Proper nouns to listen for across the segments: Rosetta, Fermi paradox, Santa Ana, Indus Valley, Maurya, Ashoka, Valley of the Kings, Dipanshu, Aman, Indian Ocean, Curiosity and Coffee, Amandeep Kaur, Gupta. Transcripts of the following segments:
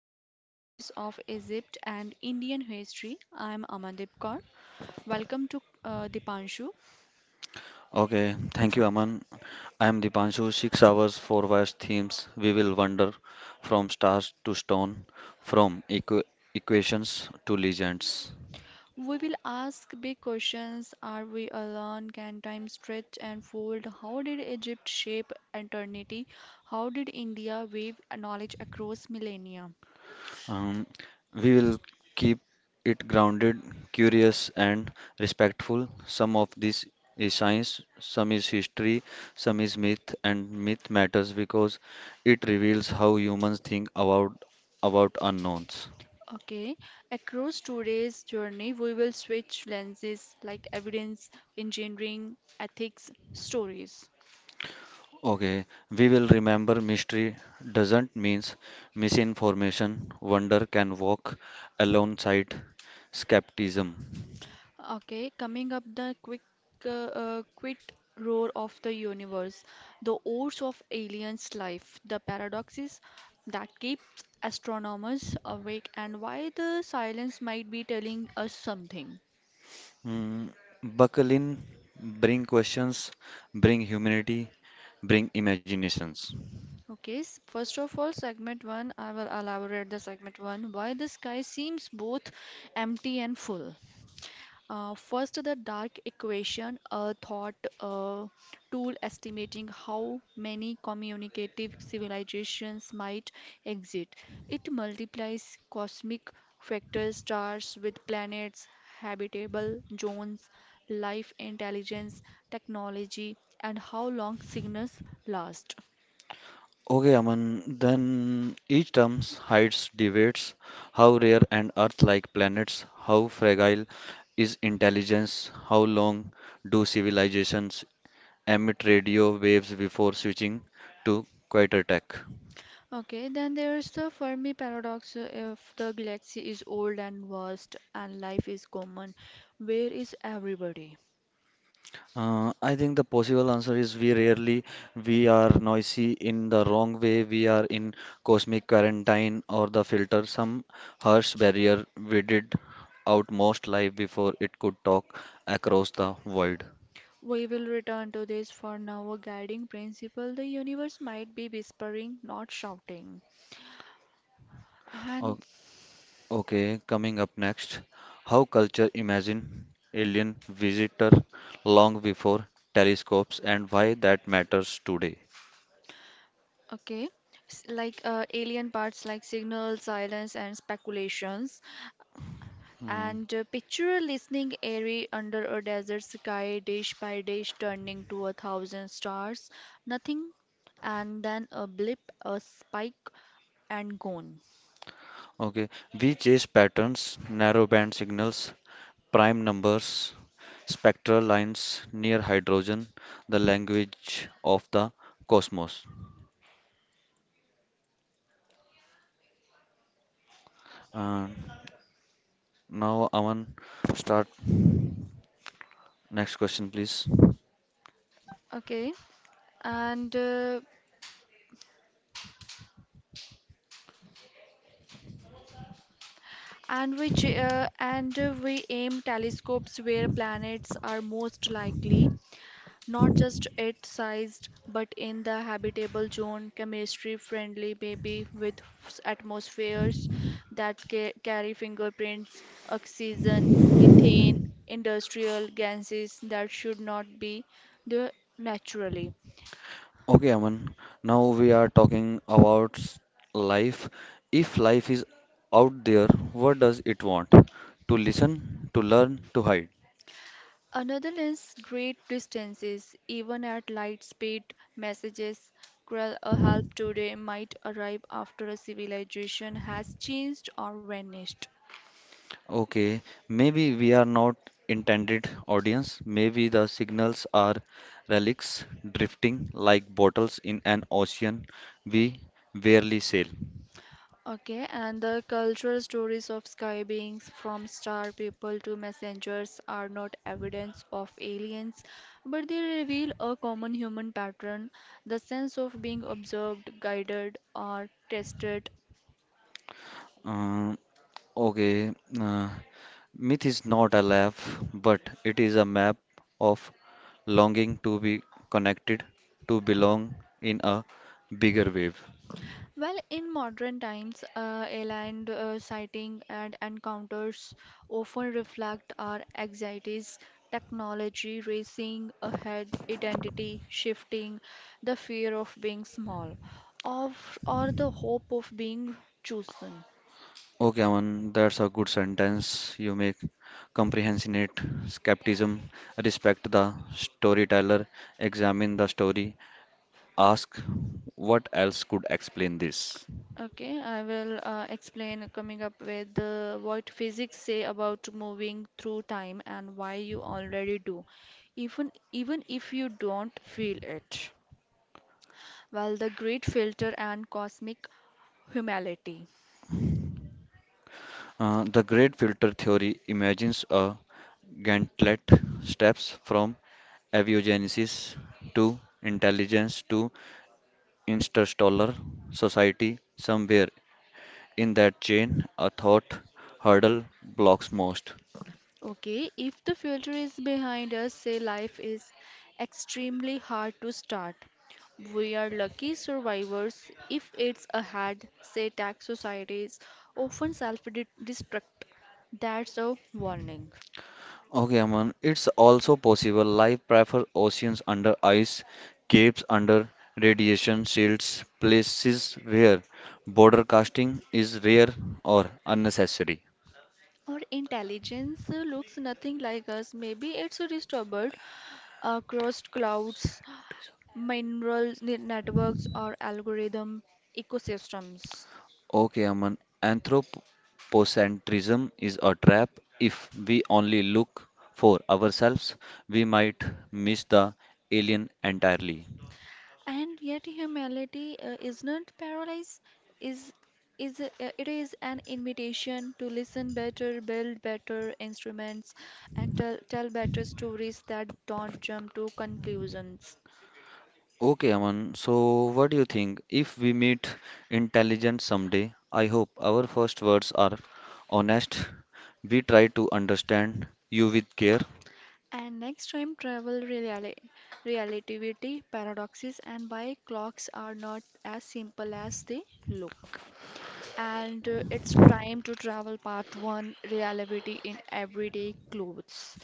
Travel Mysteries of Egypt and Indian History. I'm Amandeep Kaur. Welcome to Dipanshu. Okay, thank you, Aman. I am Dipanshu. 6 hours, four vast themes. We will wander from stars to stone, from equations to legends. We will ask big questions. Are we alone? Can time stretch and fold? How did Egypt shape eternity? How did India wave knowledge across millennia? Um, we will keep it grounded, curious, and respectful. Some of this is science, some is history, some is myth, and myth matters because it reveals how humans think about unknowns. Okay, across today's journey, we will switch lenses like evidence, engineering, ethics, stories. Okay, we will remember mystery doesn't means misinformation. Wonder can walk alongside skepticism. Okay, coming up the quick quit roar of the universe, the oars of aliens' life, the paradoxes that keeps astronomers awake and why the silence might be telling us something. Mm, buckle in, bring questions, bring humanity, bring imaginations. Okay, first of all, segment one, I will elaborate the segment one why the sky seems both empty and full. First, the dark equation, a thought uh, tool estimating how many communicative civilizations might exist. It multiplies cosmic factors, stars with planets, habitable zones, life intelligence, technology, and how long signals last. Okay, Aman, then each term hides debates, how rare and Earth-like planets, how fragile is intelligence, how long do civilizations emit radio waves before switching to quieter tech? Okay, then there's the Fermi paradox. If the galaxy is old and vast and life is common, where is everybody? I think the possible answer is we rarely we are noisy in the wrong way. We are in cosmic quarantine or the filter, some harsh barrier we did out most life before it could talk across the void. We will return to this for now a guiding principle. The universe might be whispering, not shouting. And O- Okay, coming up next, how culture imagine alien visitor long before telescopes and why that matters today. okay, like alien parts like signals, silence, and speculations. Hmm. And picture a listening airy under a desert sky, dish by dish, turning to a thousand stars. Nothing, and then a blip, a spike, and gone. Okay, we chase patterns, narrowband signals, prime numbers, spectral lines near hydrogen, the language of the cosmos. And now, Aman, start next question, please. Okay, and uh, and we ch- and we aim telescopes where planets are most likely, not just Earth sized, but in the habitable zone, chemistry friendly, maybe with atmospheres that carry fingerprints, oxygen, methane, industrial gases that should not be there naturally. Okay, Aman, now we are talking about life. If life is out there, what does it want? To listen, to learn, to hide. Another is great distances, even at light speed, messages cruel or help today might arrive after a civilization has changed or vanished. Okay, maybe we are not intended audience. Maybe the signals are relics drifting like bottles in an ocean we barely sail. Okay, and the cultural stories of sky beings from star people to messengers are not evidence of aliens, but they reveal a common human pattern, the sense of being observed, guided, or tested. Uh, okay, uh, myth is not a laugh, but it is a map of longing to be connected, to belong in a bigger wave. Well, in modern times, aligned sighting and encounters often reflect our anxieties, technology racing ahead, identity shifting, the fear of being small, of or the hope of being chosen. Okay, Aman, that's a good sentence you make. Comprehension it, skepticism, respect the storyteller, examine the story, ask what else could explain this. Okay, I will explain coming up with what physics say about moving through time and why you already do, even if you don't feel it. Well, the great filter and cosmic humility. The great filter theory imagines a gauntlet steps from aviogenesis to intelligence to interstellar society. Somewhere in that chain, a thought hurdle blocks most. Okay, if the filter is behind us, say life is extremely hard to start. We are lucky survivors if it's ahead, say tax societies often self-destruct. That's a warning. Okay, Aman, it's also possible. Life prefers oceans under ice, caves under radiation shields, places where border casting is rare or unnecessary. Our intelligence looks nothing like us. Maybe it's disturbed across clouds, mineral networks, or algorithm ecosystems. Okay, Aman, anthropocentrism is a trap. If we only look for ourselves, we might miss the alien entirely. And yet humanity is not paralyzed. Is is It is an invitation to listen better, build better instruments and tell better stories that don't jump to conclusions. Okay, Aman. So, what do you think? If we meet intelligent someday, I hope our first words are honest. We try to understand you with care. And next, time travel reali relativity paradoxes and why clocks are not as simple as they look. And it's time to travel part 1, reality in everyday clothes.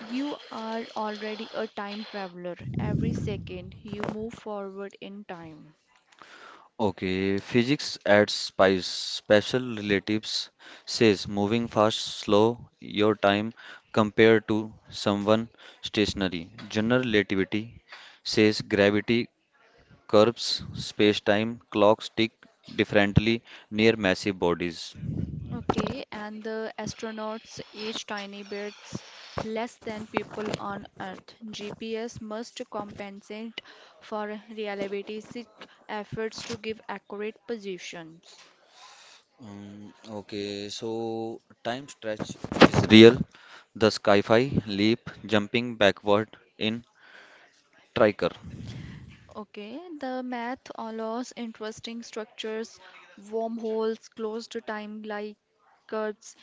You are already a time traveler. Every second you move forward in time. Okay, physics adds spice. Special relatives says moving fast, slow your time compared to someone stationary. General relativity says gravity curves space-time, clocks tick differently near massive bodies. Okay, and the astronauts age tiny bits less than people on Earth. GPS must compensate for reliability efforts to give accurate positions. Um, okay, so time stretch is real. The sci-fi leap, jumping backward in Triker. Okay, the math allows interesting structures, wormholes, closed time like curves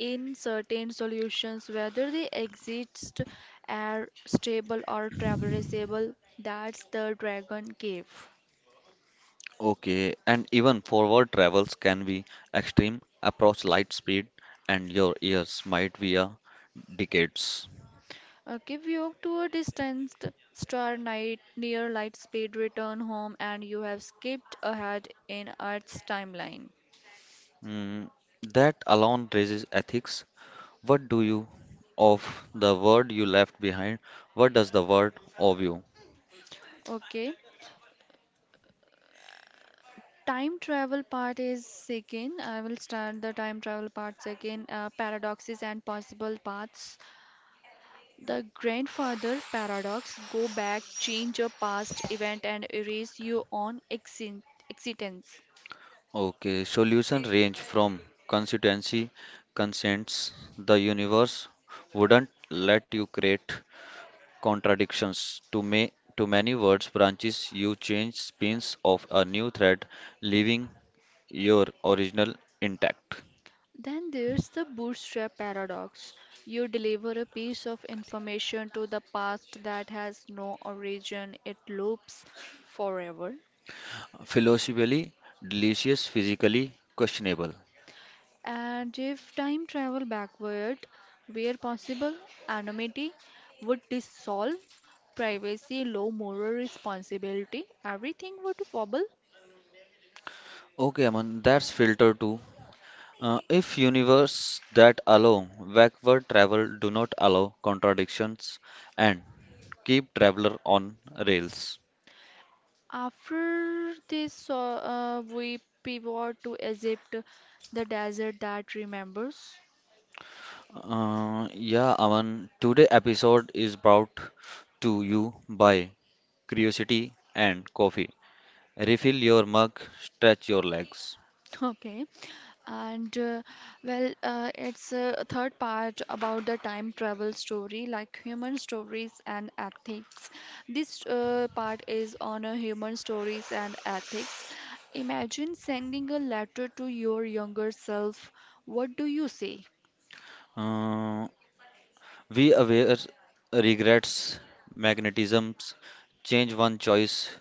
in certain solutions, whether they exist are stable or traversable. That's the dragon cave. Okay, and even forward travels can be extreme, approach light speed, and your ears might be a decades. Okay, we walk to a distanced star night near light speed, return home, and you have skipped ahead in Earth's timeline. Mm, that alone raises ethics. What do you of the world you left behind? What does the world of you? Okay, time travel part is second. I will start the time travel part second, paradoxes and possible paths. The grandfather paradox, go back, change your past event, and erase your own existence. Okay, solution range from constituency consents. The universe wouldn't let you create contradictions. Too many words branches you change spins of a new thread, leaving your original intact. Then there's the bootstrap paradox, you deliver a piece of information to the past that has no origin, it loops forever. Philosophically delicious, physically questionable. And if time travel backward, where possible, anonymity would dissolve, privacy, low moral responsibility, everything would wobble. Okay, Aman, that's filter two. If universe that allow backward travel do not allow contradictions and Keep Traveler on Rails. After this, we pivot to Egypt, the desert that remembers. Yeah, Aman, today episode is brought to you by Curiosity and Coffee. Refill your mug, stretch your legs. Okay. And well, it's a third part about the time travel story, like human stories and ethics. This part is on human stories and ethics. Imagine sending a letter to your younger self. What do you say? Uh, we aware regrets, magnetisms, change one choice,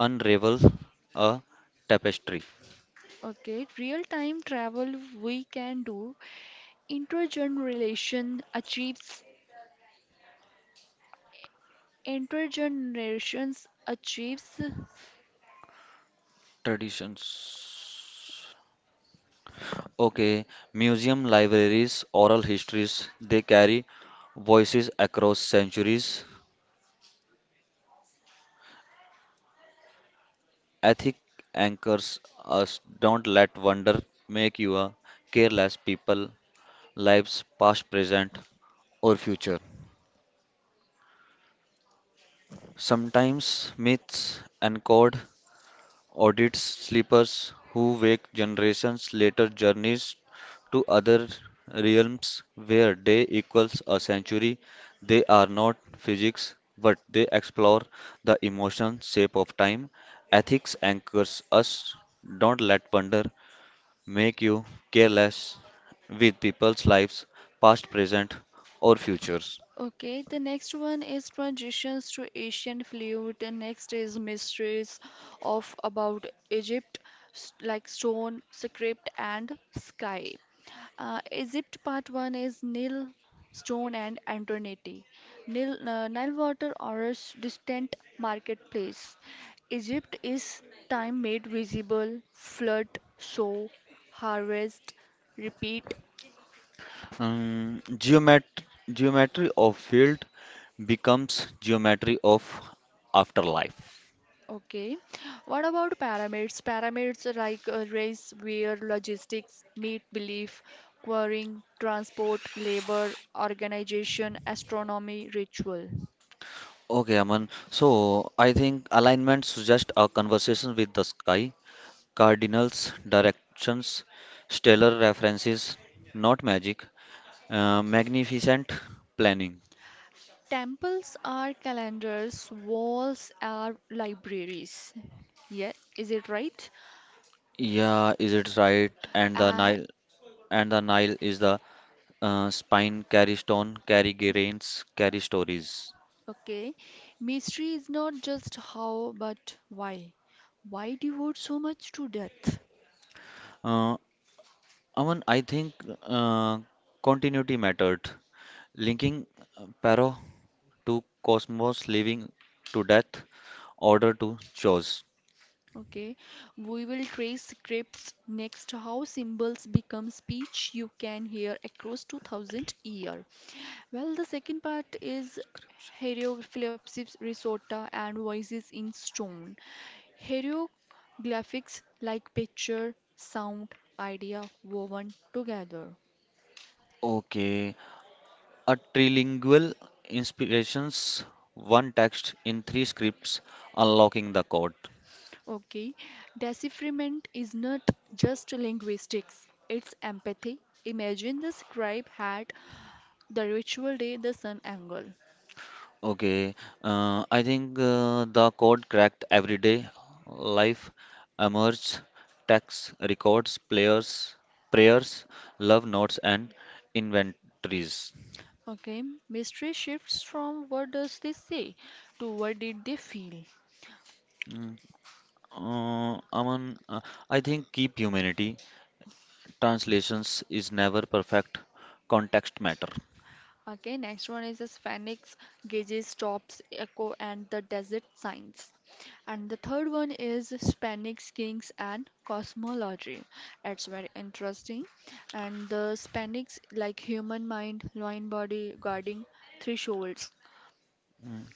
unravel a tapestry. Okay, real time travel we can do. Intergeneration achieves, intergenerations achieves. Traditions. Okay, museum libraries, oral histories, they carry voices across centuries. Ethic anchors us. Don't let wonder make you a careless people. Lives past, present, or future. Sometimes myths encode audits sleepers who wake generations later journeys to other realms where day equals a century. They are not physics, but they explore the emotion shape of time. Ethics anchors us. Don't let wonder make you careless with people's lives, past, present, or futures. Okay, the next one is transitions to Asian flute. The next is mysteries of about Egypt, like stone, script, and sky. Egypt part one is Nile, stone, and Antoniti. Nile, Nile water or a distant marketplace. Egypt is time made visible, flood, sow, harvest, repeat. Um, geomet- geometry of field becomes geometry of afterlife. Okay. What about pyramids? Pyramids are like a race where logistics meet belief, quarrying, transport, labor, organization, astronomy, ritual. Okay, Aman. So I think alignment suggests a conversation with the sky, cardinals, directions, stellar references, not magic, magnificent planning. Temples are calendars, walls are libraries. Yeah, is it right? Yeah, is it right? Uh, And the Nile is the spine carry stone, carry grains, carry stories. okay. Mystery is not just how, but why. Why devote so much to death? Uh, Aman, I think uh, continuity mattered. Linking Paro to cosmos, living to death, order to choice. Okay, we will trace scripts next, how symbols become speech you can hear across 2000 year. Well, the second part is hieroglyphics risota and voices in stone. Hieroglyphics like picture, sound, idea woven together. Okay, a trilingual inspirations, one text in three scripts, unlocking the code. Okay, decipherment is not just linguistics, it's empathy. Imagine the scribe had the ritual day, the sun angle. Okay, I think the code cracked everyday life emerged tax records, players, prayers, love notes, and inventories. Okay, mystery shifts from what does they say to what did they feel. Mm, Aman, uh, I think keep humanity. Translations is never perfect. Context matter. Okay, next one is the Phoenix, Gages, Tops, Echo, and the Desert Signs. And the third one is Spanish Kings and Cosmology. It's very interesting. And the Spanish, like human mind, lion body, guarding thresholds.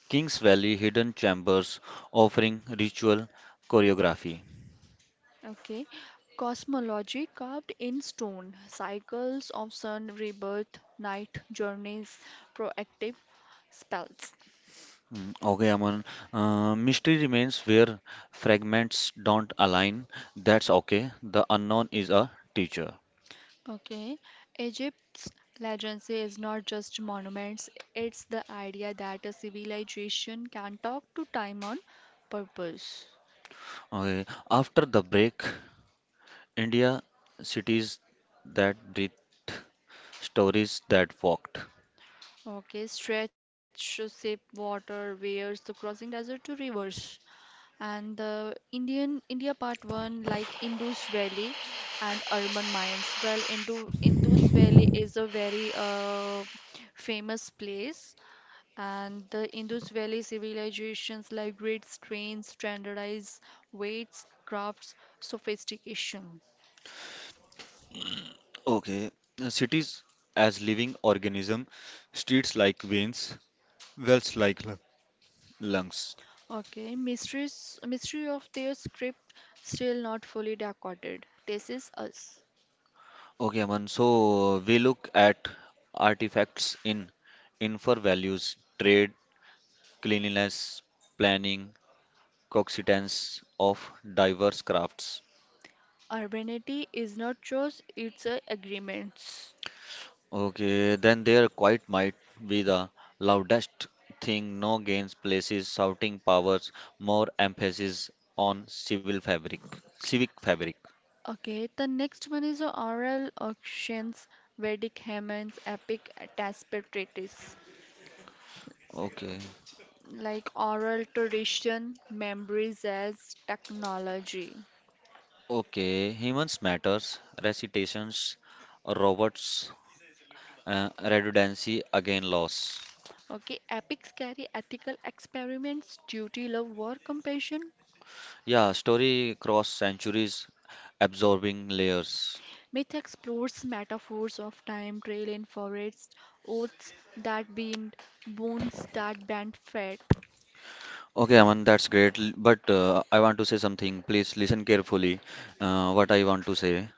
Kings Valley hidden chambers offering ritual choreography. Okay. Cosmology carved in stone, cycles of sun, rebirth, night, journeys, proactive spells. Okay, Aman. Mystery remains where fragments don't align. That's okay. The unknown is a teacher. Okay. Egypt's legacy is not just monuments, it's the idea that a civilization can talk to time on purpose. Okay. After the break, India cities that breathe, stories that walked. Okay. Stretch, shape, water, wears the crossing desert to rivers. And the Indian India part one like Indus Valley and urban minds. Well, Indus Valley is a very famous place, and the Indus Valley civilizations like great strains, standardized weights, crafts, sophistication. Okay. Cities as living organism, streets like veins, wells like lungs. Okay, mystery of their script still not fully decoded. This is us. Okay, Aman. So we look at artifacts in for values, trade, cleanliness, planning. Coexistence of diverse crafts. Urbanity is not choice; it's a agreements. Okay, then their quiet might be the loudest thing, no gains places, shouting powers, more emphasis on civic fabric. Okay, the next one is the oral auctions, Vedic hymns, epic tapestries, Okay, like oral tradition, memories as technology. okay, humans matters, recitations, robots, redundancy, again loss. Okay, epics carry ethical experiments, duty, love, war, compassion. Yeah, story cross centuries, absorbing layers. Myth explores metaphors of time, trail in forests, oaths that bind, bones that bend fate. Okay, Aman, that's great. But I want to say something. Please listen carefully what I want to say.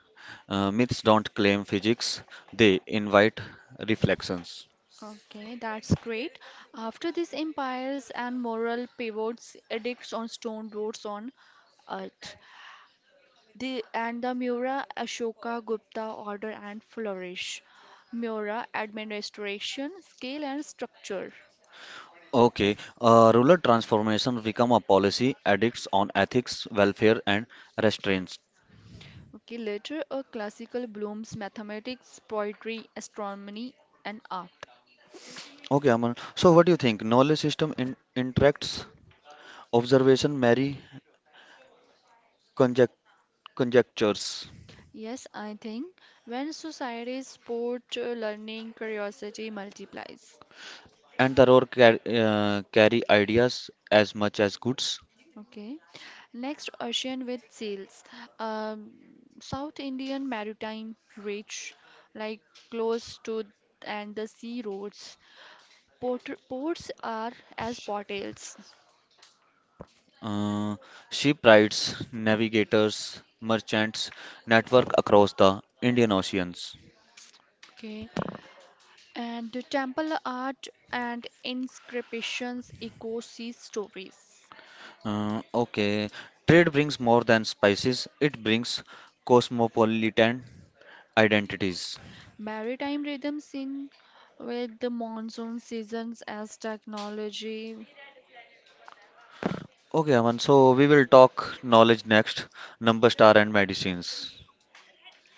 Myths don't claim physics, they invite reflections. Okay, that's great. After these empires and moral pivots, edicts on stone roads on earth. The Maurya, Ashoka, Gupta order and flourish. Maurya administration, scale and structure. Okay, rural transformation become a policy addicts on ethics, welfare, and restraints. Okay, later a classical blooms mathematics, poetry, astronomy and art. Okay, Aman. So what do you think? Knowledge system in interacts, observation marry conject conjectures, Yes, I think when societies sport learning, curiosity multiplies. and the roar car carry ideas as much as goods. Okay. Next, ocean with seals. Um, South Indian maritime ridge, like close to and the sea roads. Ports are as portals. Uh, Shipwrights, navigators, merchants network across the Indian Oceans. Okay. And the temple art and inscriptions echo sea stories. Okay, trade brings more than spices, it brings cosmopolitan identities. Maritime rhythms in with the monsoon seasons as technology. Okay, Aman, so we will talk knowledge next, number star and medicines.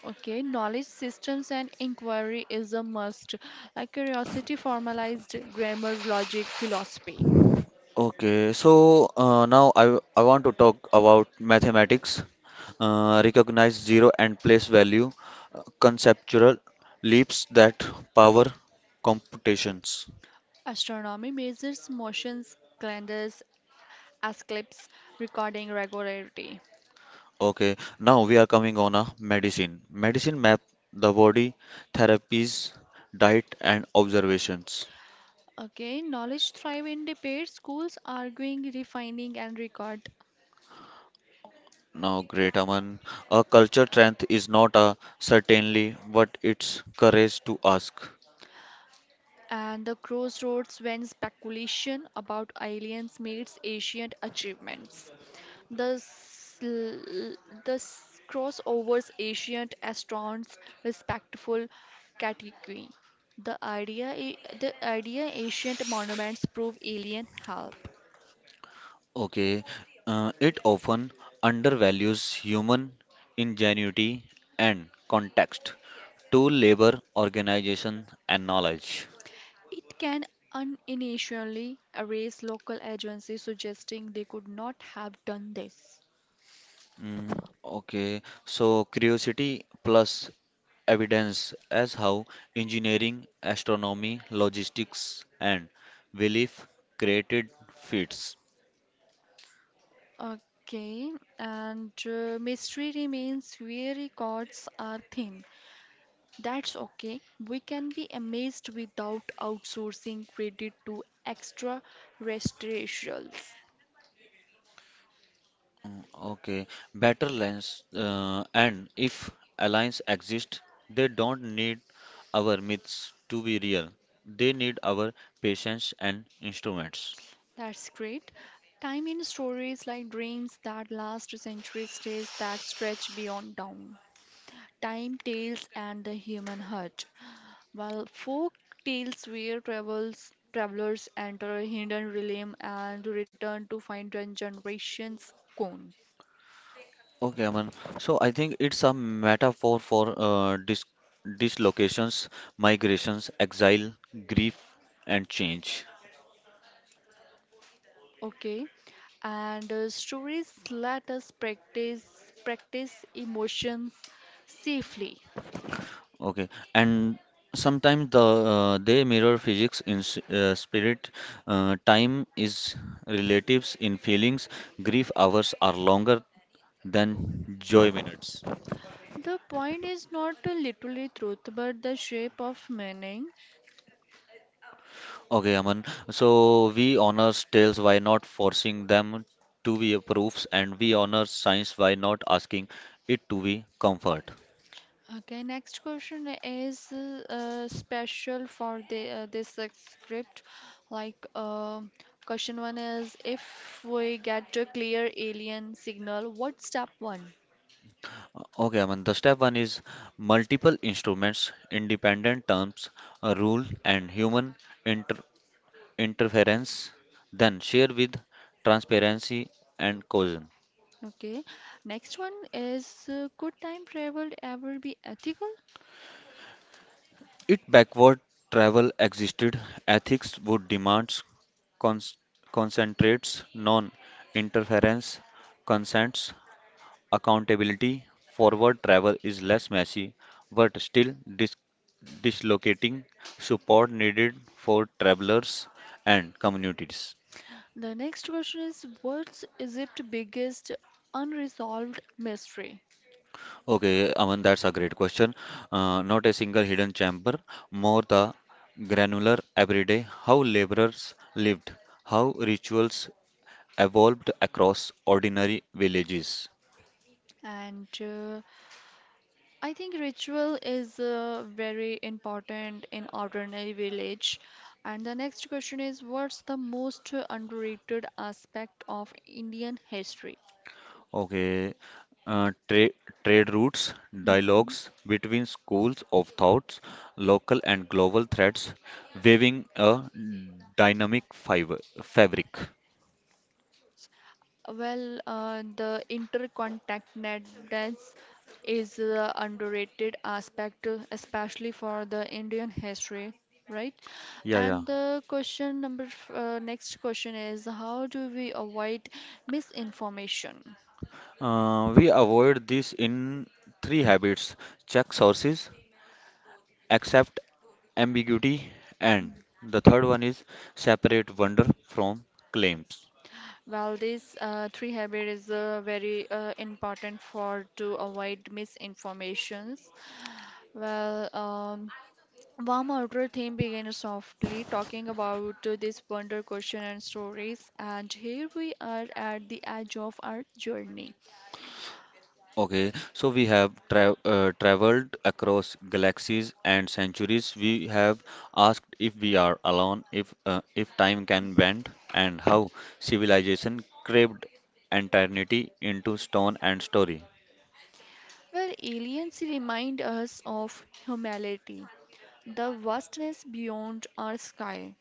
Okay, knowledge systems and inquiry is a must. Like curiosity, formalized grammar, logic, philosophy. Okay, so now I want to talk about mathematics, recognize zero and place value, conceptual leaps that power computations. Astronomy measures motions, calendars, eclipses, recording regularity. Okay, now we are coming on a medicine. Medicine map the body, therapies, diet, and observations. Okay, knowledge thrive in debate, schools arguing, refining, and record Now, great Aman, a culture strength is not a certainly, but it's courage to ask. and the crossroads when speculation about aliens meets ancient achievements. The, sl- the s- crossovers ancient astronauts respectful category. The idea ancient monuments prove alien help. Okay, it often undervalues human ingenuity and context to labor organization and knowledge. It can unintentionally erase local agencies, suggesting they could not have done this. Mm, okay, so curiosity plus evidence as how engineering, astronomy, logistics, and belief created feats. Okay, and mystery remains where records are thin. That's okay. We can be amazed without outsourcing credit to extraterrestrials. Mm, Okay, better lens and if alliance exist, they don't need our myths to be real, they need our patience and instruments. That's great. Time in stories like dreams that last centuries, days that stretch beyond down. Time tales and the human heart. While folk tales where travels, travelers enter a hidden realm and return to find a generations gone. Okay, Aman. So I think it's a metaphor for uh, dis dislocations, migrations, exile, grief, and change. Okay, and stories let us practice emotions safely. Okay, and sometimes the they mirror physics in spirit. Time is relatives in feelings. Grief hours are longer than joy minutes. The point is not the literally truth, but the shape of meaning. Okay, Aman. So we honor tales by not forcing them to be proofs, and we honor science by not asking it to be comfort. Okay, next question is special for the this script. Like question one is, if we get a clear alien signal, what's step one? Okay, Aman. The step one is multiple instruments, independent terms, a rule, and human inter interference. Then share with transparency and cohesion. Okay. Next one is, could time travel ever be ethical? If backward travel existed, ethics would demand cons concentrates, non-interference, consents. Accountability. Forward travel is less messy, but still dis- dislocating support needed for travelers and communities. The next question is, what's Egypt's biggest unresolved mystery? Okay, Aman, that's a great question. Not a single hidden chamber, more the granular everyday, how laborers lived, how rituals evolved across ordinary villages. And I think ritual is very important in ordinary village. And the next question is, what's the most underrated aspect of Indian history? Okay. Uh, tra Trade routes, Hmm. dialogues between schools of thoughts, local and global threads, weaving a dynamic fiber fabric. Well, the interconnectedness is the underrated aspect, especially for the Indian history, right? Yeah, yeah. And the question number, next question is, how do we avoid misinformation? We avoid this in three habits: check sources, accept ambiguity, and the third one is separate wonder from claims. Well, this three habit is very important for to avoid misinformations. Well, warm outer theme begins softly talking about this wonder question and stories, and here we are at the edge of our journey. Okay, so we have traveled across galaxies and centuries. We have asked if we are alone, if time can bend, and how civilization craved eternity into stone and story. Well, aliens remind us of humanity, the vastness beyond our sky.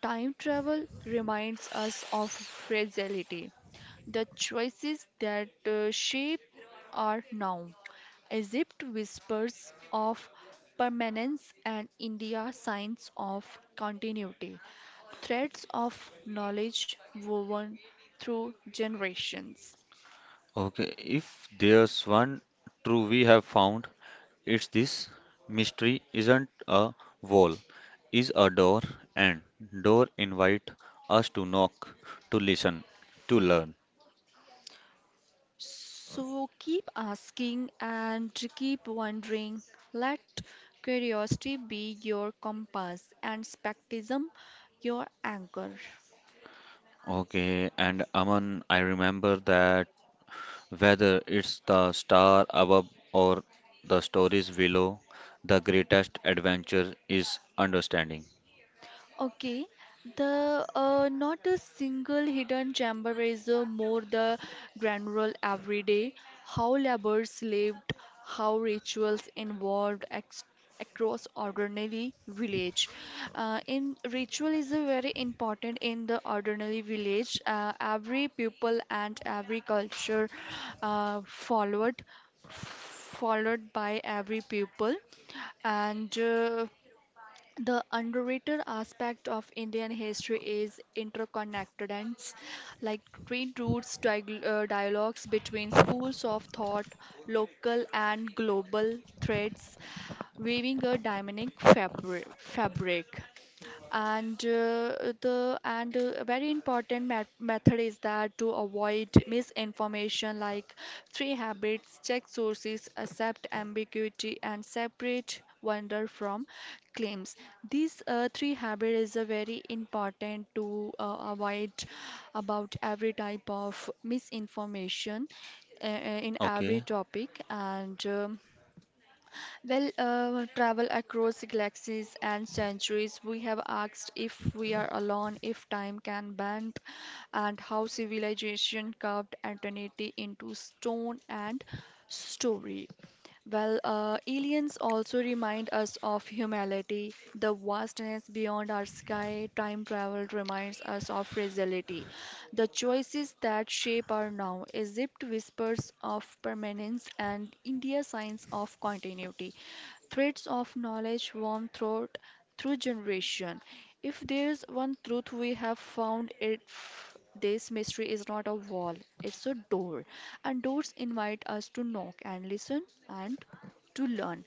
Time travel reminds us of fragility, the choices that shape our now. Egypt whispers of permanence and India signs of continuity, threads of knowledge woven through generations. Okay, if there's one truth we have found, it's this: mystery isn't a wall, is a door, and door invite us to knock, to listen, to learn. So keep asking and keep wondering. Let curiosity be your compass and skepticism your anchor. Okay, and Aman, I remember that whether it's the star above or the stories below, the greatest adventure is understanding. Okay, the not a single hidden chamber is more the granular every day. How laborers lived, how rituals involved ex across ordinary village. In ritual is a very important in the ordinary village. Every people and every culture uh, followed followed by every pupil and the underrated aspect of Indian history is interconnectedness, like train routes, dialogues between schools of thought, local and global threads, weaving a dynamic fabric. And the and a very important method is that to avoid misinformation like three habits, check sources, accept ambiguity, and separate wonder from claims. These three habits is a very important to avoid about every type of misinformation uh, uh, in every Okay, topic, and well, travel across galaxies and centuries, we have asked if we are alone, if time can bend, and how civilization carved eternity into stone and story. Well, aliens also remind us of humanity, the vastness beyond our sky. Time travel reminds us of fragility, the choices that shape our now. Egypt whispers of permanence, and India signs of continuity, threads of knowledge worm through generation. If there's one truth we have found, this mystery is not a wall, it's a door. And doors invite us to knock and listen and to learn,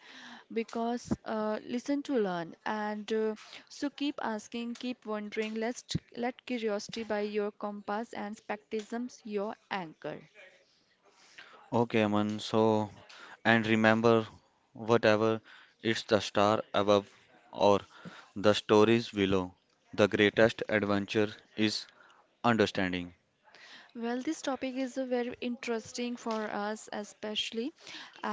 because listen to learn and so keep asking, keep wondering, let curiosity by your compass and skepticism your anchor. okay, Aman. So, and remember, whatever it's the star above or the stories below, the greatest adventure is understanding. Well, this topic is very interesting for us, especially.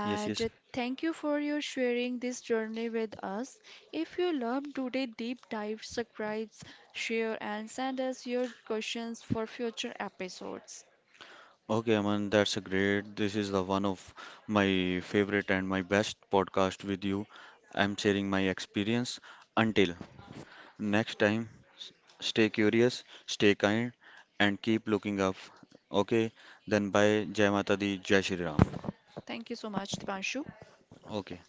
Yes, yes. Thank you for your sharing this journey with us. If you love today deep dive, subscribe, share, and send us your questions for future episodes. Okay, Aman, that's a great. This is the one of my favorite and my best podcast with you. I'm sharing my experience. Until next time, s- stay curious, stay kind, and keep looking up. Okay, then bye. Jai Mata Di, Jai Shri Ram. Thank you so much, Dipanshu. Okay.